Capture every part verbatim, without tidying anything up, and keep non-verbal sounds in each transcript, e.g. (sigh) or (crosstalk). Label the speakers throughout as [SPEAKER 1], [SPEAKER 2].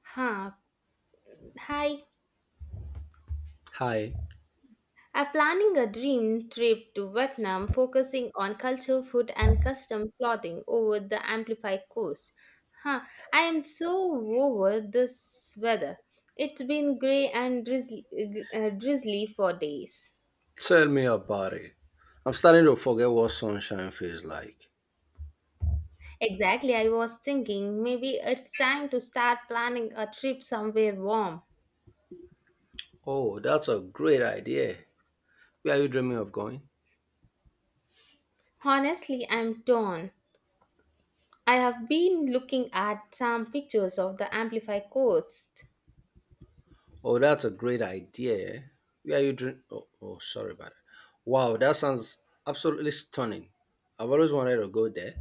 [SPEAKER 1] Huh. Hi.
[SPEAKER 2] Hi,
[SPEAKER 1] I'm planning a dream trip to Vietnam, focusing on culture, food, and custom clothing over the Amplified Coast. Huh. I am so over this weather. It's been grey and drizzly, uh, drizzly for days.
[SPEAKER 2] tell me about it. I'm starting to forget what sunshine feels like.
[SPEAKER 1] Exactly. I was thinking maybe it's time to start planning a trip somewhere warm.
[SPEAKER 2] Oh, that's a great idea. Where are you dreaming of going?
[SPEAKER 1] Honestly, I'm torn. I have been looking at some pictures of the Amplify Coast.
[SPEAKER 2] Oh, that's a great idea. Where are you dream? Oh, oh, sorry about it. Wow, that sounds absolutely stunning. I've always wanted to go there.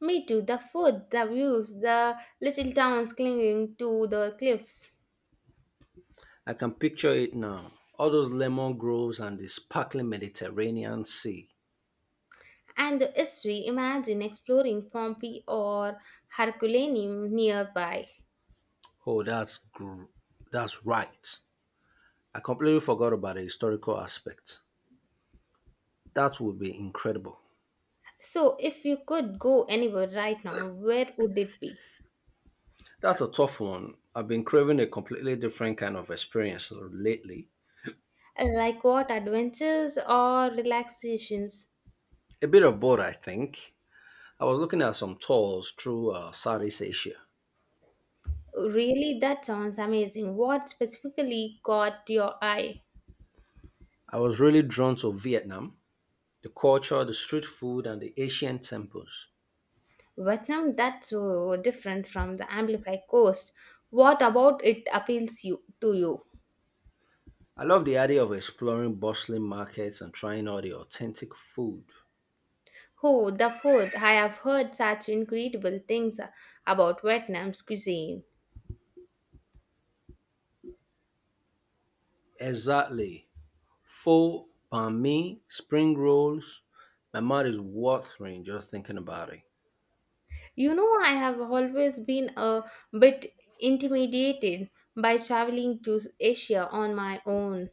[SPEAKER 1] Me too. The food, the views, the little towns clinging to the cliffs,
[SPEAKER 2] I can picture it now. All those lemon groves and the sparkling Mediterranean Sea.
[SPEAKER 1] and the history. Imagine exploring Pompeii or Herculaneum nearby.
[SPEAKER 2] Oh, that's gr- that's right. I completely forgot about the historical aspect. That would be incredible.
[SPEAKER 1] So, if you could go anywhere right now, where would it be?
[SPEAKER 2] That's a tough one. I've been craving a completely different kind of experience lately.
[SPEAKER 1] Like what, adventures or relaxations?
[SPEAKER 2] A bit of both, I think. I was looking at some tours through uh, Southeast Asia.
[SPEAKER 1] Really, that sounds amazing. What specifically caught your eye?
[SPEAKER 2] I was really drawn to Vietnam, the culture, the street food, and the Asian temples.
[SPEAKER 1] Vietnam, that's so different from the Amplify Coast. What about it appeals you to you?
[SPEAKER 2] I love the idea of exploring bustling markets and trying all the authentic food.
[SPEAKER 1] Oh, the food. I have heard such incredible things about Vietnam's cuisine.
[SPEAKER 2] Exactly. Pho, banh mi, spring rolls. My mouth is watering just thinking about it.
[SPEAKER 1] You know, I have always been a bit intimidated by traveling to Asia on my own.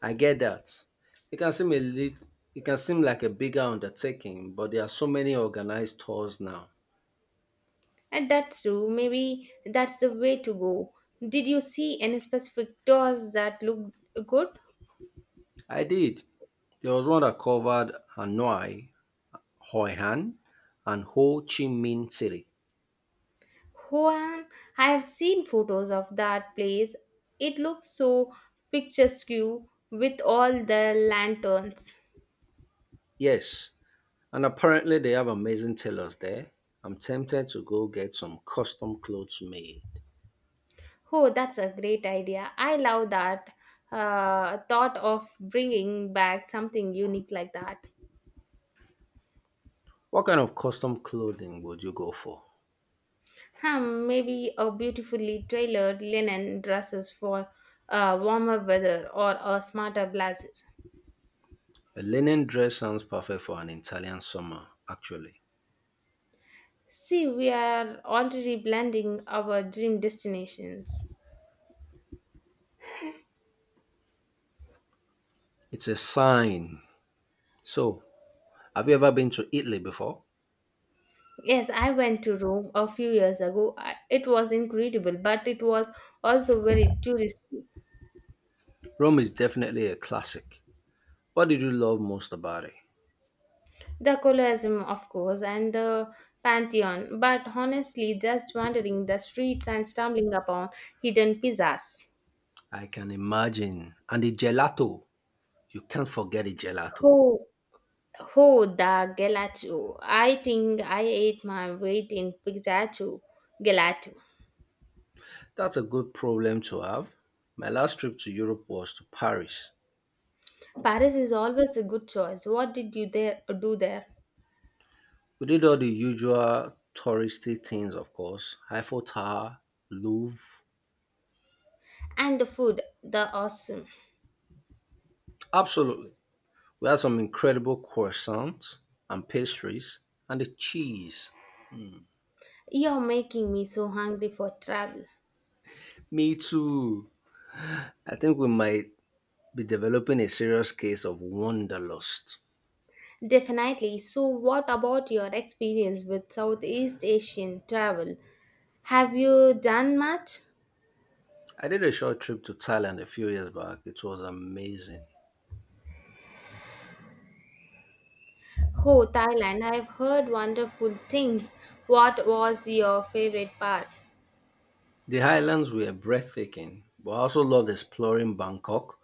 [SPEAKER 2] I get that. It can seem a lit- it can seem like a bigger undertaking, but there are so many organized tours now.
[SPEAKER 1] And that's true. Maybe that's the way to go. Did you see any specific tours that looked good?
[SPEAKER 2] I did. There was one that covered Hanoi, Hoi An, and Ho Chi Minh City.
[SPEAKER 1] Hoan, I have seen photos of that place. It looks so picturesque with all the lanterns.
[SPEAKER 2] Yes, and apparently they have amazing tailors there. I'm tempted to go get some custom clothes made.
[SPEAKER 1] Oh, that's a great idea. I love that uh, thought of bringing back something unique like that.
[SPEAKER 2] What kind of custom clothing would you go for?
[SPEAKER 1] Hmm, maybe a beautifully tailored linen dresses for uh, warmer weather or a smarter blazer.
[SPEAKER 2] A linen dress sounds perfect for an Italian summer, actually.
[SPEAKER 1] See, we are already blending our dream destinations.
[SPEAKER 2] It's a sign. So, have you ever been to Italy before?
[SPEAKER 1] Yes, I went to Rome a few years ago. I- It was incredible, but it was also very touristy.
[SPEAKER 2] Rome is definitely a classic. What did you love most about it?
[SPEAKER 1] The Colosseum, of course, and the Pantheon, but honestly, just wandering the streets and stumbling upon hidden pizzas.
[SPEAKER 2] I can imagine. And the gelato. You can't forget the gelato.
[SPEAKER 1] Oh, oh, the gelato. I think I ate my weight in pizzato gelato.
[SPEAKER 2] That's a good problem to have. My last trip to Europe was to Paris.
[SPEAKER 1] Paris is always a good choice. What did you there do there?
[SPEAKER 2] We did all the usual touristy things, of course Eiffel Tower, Louvre.
[SPEAKER 1] And the food, the awesome.
[SPEAKER 2] Absolutely. We had some incredible croissants and pastries and the cheese.
[SPEAKER 1] You're making me so hungry for travel.
[SPEAKER 2] Me too. I think we might be developing a serious case of wanderlust.
[SPEAKER 1] Definitely. So, what about your experience with Southeast Asian travel? Have you done much?
[SPEAKER 2] I did a short trip to Thailand a few years back. It was amazing.
[SPEAKER 1] Oh, Thailand, I've heard wonderful things. What was your favorite part?
[SPEAKER 2] The highlands were breathtaking, but I also loved exploring Bangkok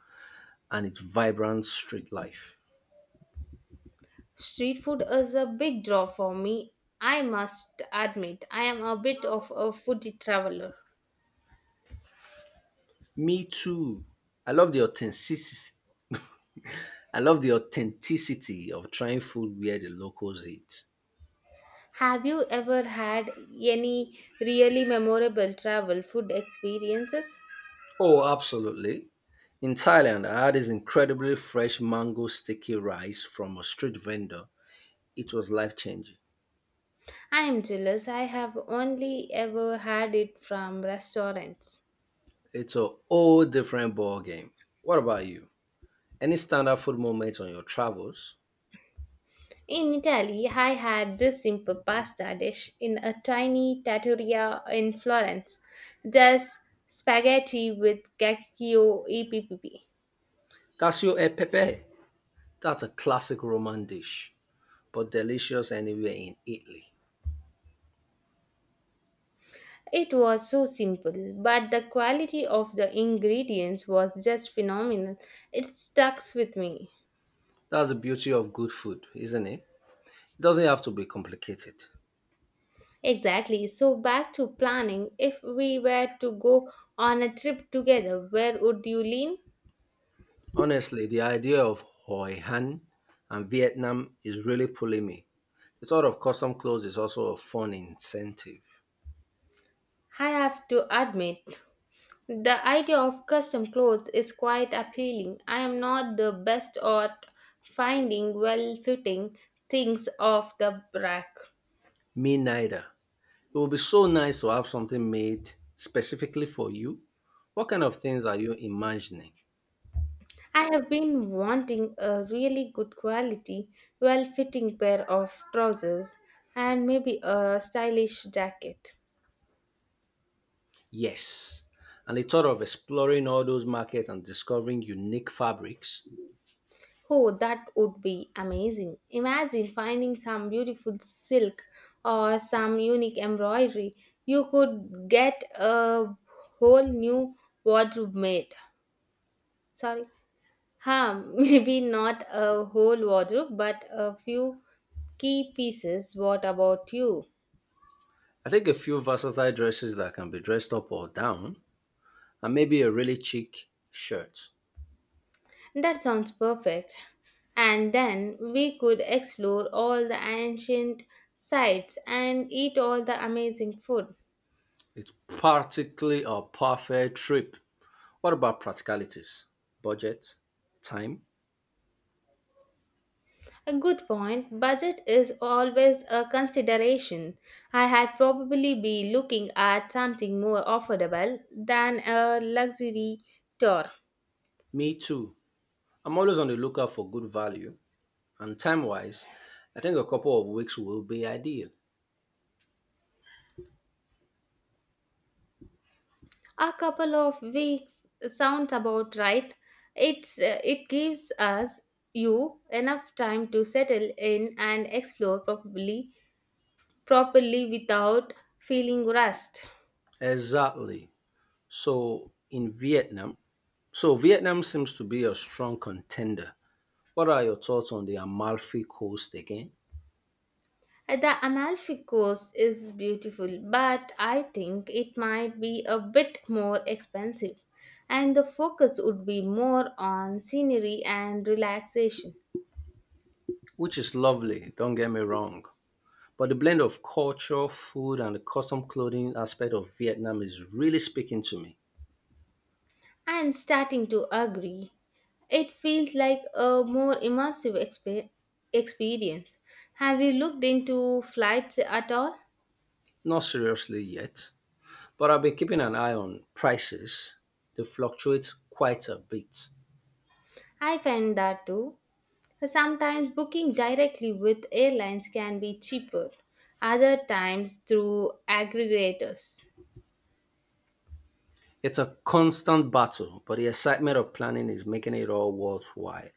[SPEAKER 2] and its vibrant street life.
[SPEAKER 1] Street food is a big draw for me. I must admit, I am a bit of a foodie traveler.
[SPEAKER 2] Me too. I love the authenticity. I love the authenticity of trying food where the locals eat.
[SPEAKER 1] Have you ever had any really memorable travel food experiences?
[SPEAKER 2] Oh, absolutely. In Thailand, I had this incredibly fresh mango sticky rice from a street vendor. It was life changing.
[SPEAKER 1] I am jealous, I have only ever had it from restaurants.
[SPEAKER 2] It's a whole different ball game. What about you? Any standout food moments on your travels?
[SPEAKER 1] In Italy, I had this simple pasta dish in a tiny trattoria in Florence, just spaghetti with cacio e pepe.
[SPEAKER 2] Cassio e pepe. That's a classic Roman dish, but delicious anywhere in Italy.
[SPEAKER 1] It was so simple, but the quality of the ingredients was just phenomenal. It stuck with me.
[SPEAKER 2] That's the beauty of good food, isn't it? It doesn't have to be complicated.
[SPEAKER 1] Exactly. So back to planning. If we were to go on a trip together, where would you lean?
[SPEAKER 2] Honestly, the idea of Hoi Han and Vietnam is really pulling me. The thought of custom clothes is also a fun incentive.
[SPEAKER 1] I have to admit, the idea of custom clothes is quite appealing. I am not the best at finding well fitting things off the rack.
[SPEAKER 2] Me neither. It would be so nice to have something made specifically for you. What kind of things are you imagining?
[SPEAKER 1] I have been wanting a really good quality, well fitting pair of trousers and maybe a stylish jacket.
[SPEAKER 2] Yes. And the thought of exploring all those markets and discovering unique fabrics.
[SPEAKER 1] Oh, that would be amazing. Imagine finding some beautiful silk or some unique embroidery. You could get a whole new wardrobe made. Sorry. Huh. (laughs) Maybe not a whole wardrobe, but a few key pieces. What about you?
[SPEAKER 2] I think a few versatile dresses that can be dressed up or down, and maybe a really chic shirt.
[SPEAKER 1] That sounds perfect, and then we could explore all the ancient sites and eat all the amazing food.
[SPEAKER 2] It's practically a perfect trip. What about practicalities? Budget? Time?
[SPEAKER 1] A good point. Budget is always a consideration. I had probably be looking at something more affordable than a luxury tour.
[SPEAKER 2] Me too. I'm always on the lookout for good value and time wise, I think a couple of weeks will be ideal.
[SPEAKER 1] A couple of weeks sounds about right. It's uh, it gives us you enough time to settle in and explore properly properly without feeling rushed.
[SPEAKER 2] Exactly. So in Vietnam, so Vietnam seems to be a strong contender. What are your thoughts on the Amalfi Coast again?
[SPEAKER 1] Uh, the amalfi coast is beautiful, but I think it might be a bit more expensive, and the focus would be more on scenery and relaxation.
[SPEAKER 2] Which is lovely, don't get me wrong. But the blend of culture, food, and the custom clothing aspect of Vietnam is really speaking to me.
[SPEAKER 1] I'm starting to agree. It feels like a more immersive expe- experience. Have you looked into flights at all?
[SPEAKER 2] Not seriously yet, but I've been keeping an eye on prices. They fluctuate quite a bit.
[SPEAKER 1] I find that too. Sometimes booking directly with airlines can be cheaper, other times through aggregators.
[SPEAKER 2] It's a constant battle, but the excitement of planning is making it all worthwhile.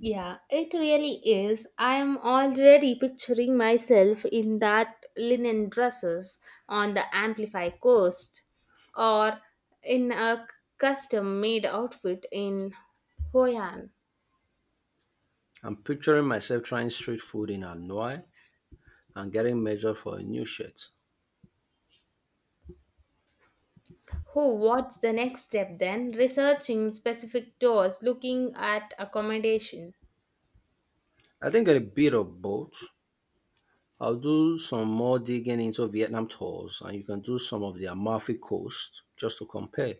[SPEAKER 1] Yeah, it really is. I am already picturing myself in that linen dresses on the Amplify coast, or in a custom made outfit in Hoi An.
[SPEAKER 2] I'm picturing myself trying street food in Hanoi and getting measured for a new shirt.
[SPEAKER 1] Who, what's the next step then? Researching specific tours, looking at accommodation.
[SPEAKER 2] I think a bit of both. I'll do some more digging into Vietnam tours and you can do some of the Amalfi Coast just to compare.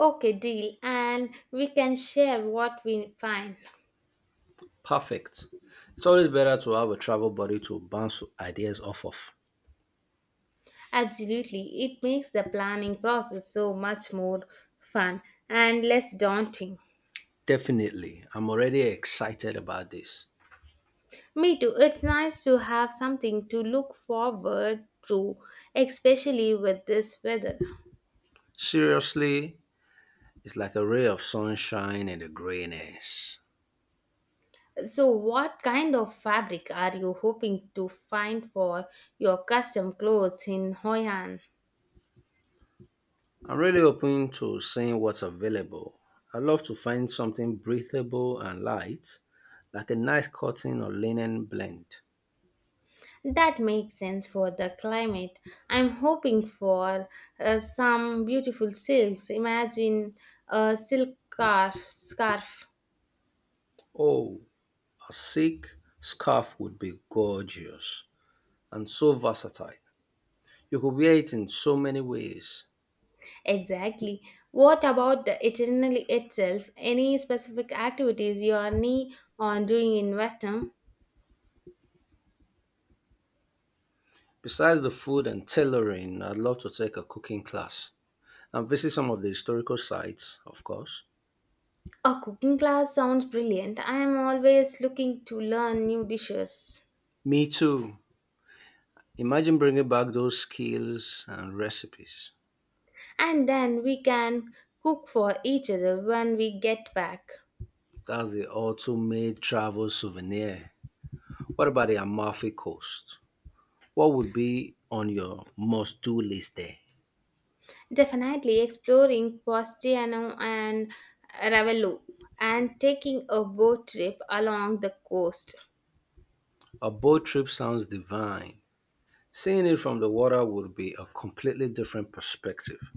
[SPEAKER 1] Okay, deal, and we can share what we find.
[SPEAKER 2] Perfect. It's always better to have a travel buddy to bounce ideas off of.
[SPEAKER 1] Absolutely, it makes the planning process so much more fun and less daunting.
[SPEAKER 2] Definitely. I'm already excited about this.
[SPEAKER 1] Me too, it's nice to have something to look forward to, especially with this weather.
[SPEAKER 2] Seriously, it's like a ray of sunshine in the grayness.
[SPEAKER 1] So, what kind of fabric are you hoping to find for your custom clothes in Hoi An?
[SPEAKER 2] I'm really open to seeing what's available. I love to find something breathable and light, like a nice cotton or linen blend.
[SPEAKER 1] That makes sense for the climate. I'm hoping for uh, some beautiful silks. Imagine a silk scarf. scarf.
[SPEAKER 2] Oh, a silk scarf would be gorgeous and so versatile. You could wear it in so many ways.
[SPEAKER 1] Exactly. What about the itinerary itself? Any specific activities you are nee on doing in Vietnam?
[SPEAKER 2] Besides the food and tailoring, I'd love to take a cooking class and visit some of the historical sites, of course.
[SPEAKER 1] A cooking class sounds brilliant. I am always looking to learn new dishes.
[SPEAKER 2] Me too. Imagine bringing back those skills and recipes.
[SPEAKER 1] And then we can cook for each other when we get back.
[SPEAKER 2] That's the ultimate travel souvenir. What about the Amalfi Coast? What would be on your must do list there?
[SPEAKER 1] Definitely exploring Postiano and Ravello and taking a boat trip along the coast.
[SPEAKER 2] A boat trip sounds divine. Seeing it from the water would be a completely different perspective.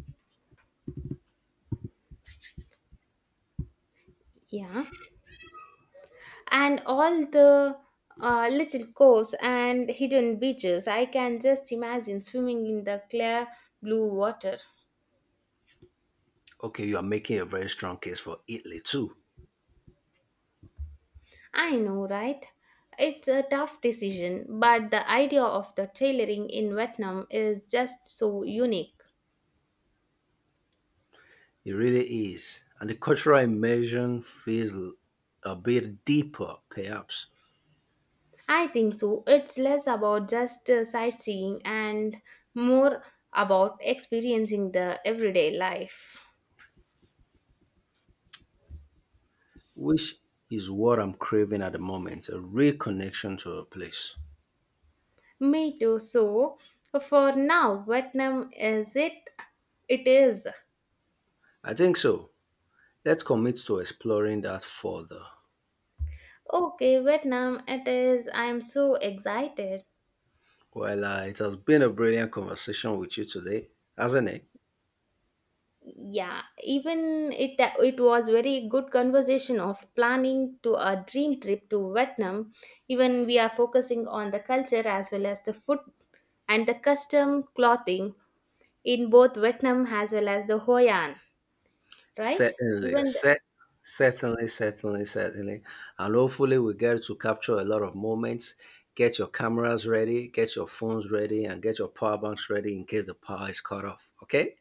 [SPEAKER 1] Yeah, and all the uh, little coves and hidden beaches. I can just imagine swimming in the clear blue water.
[SPEAKER 2] Okay, you are making a very strong case for Italy too.
[SPEAKER 1] I know, right? It's a tough decision, but the idea of the tailoring in Vietnam is just so unique.
[SPEAKER 2] It really is. And the cultural immersion feels a bit deeper, perhaps.
[SPEAKER 1] I think so. It's less about just uh, sightseeing and more about experiencing the everyday life.
[SPEAKER 2] Which is what I'm craving at the moment, a real connection to a place.
[SPEAKER 1] Me too. So, for now, Vietnam is it? It is.
[SPEAKER 2] I think so. Let's commit to exploring that further.
[SPEAKER 1] Okay, Vietnam it is. I'm so excited.
[SPEAKER 2] Well, uh, it has been a brilliant conversation with you today, hasn't it?
[SPEAKER 1] Yeah, even it it was very good conversation of planning to a dream trip to Vietnam. Even we are focusing on the culture as well as the food and the custom clothing in both Vietnam as well as the Hoi An, right?
[SPEAKER 2] Certainly,
[SPEAKER 1] Even the,
[SPEAKER 2] cer- certainly, certainly, certainly. And hopefully, we get to capture a lot of moments. Get your cameras ready, get your phones ready, and get your power banks ready in case the power is cut off. Okay?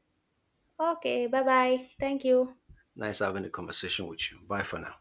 [SPEAKER 1] okay, bye bye. Thank you.
[SPEAKER 2] Nice having a conversation with you. Bye for now.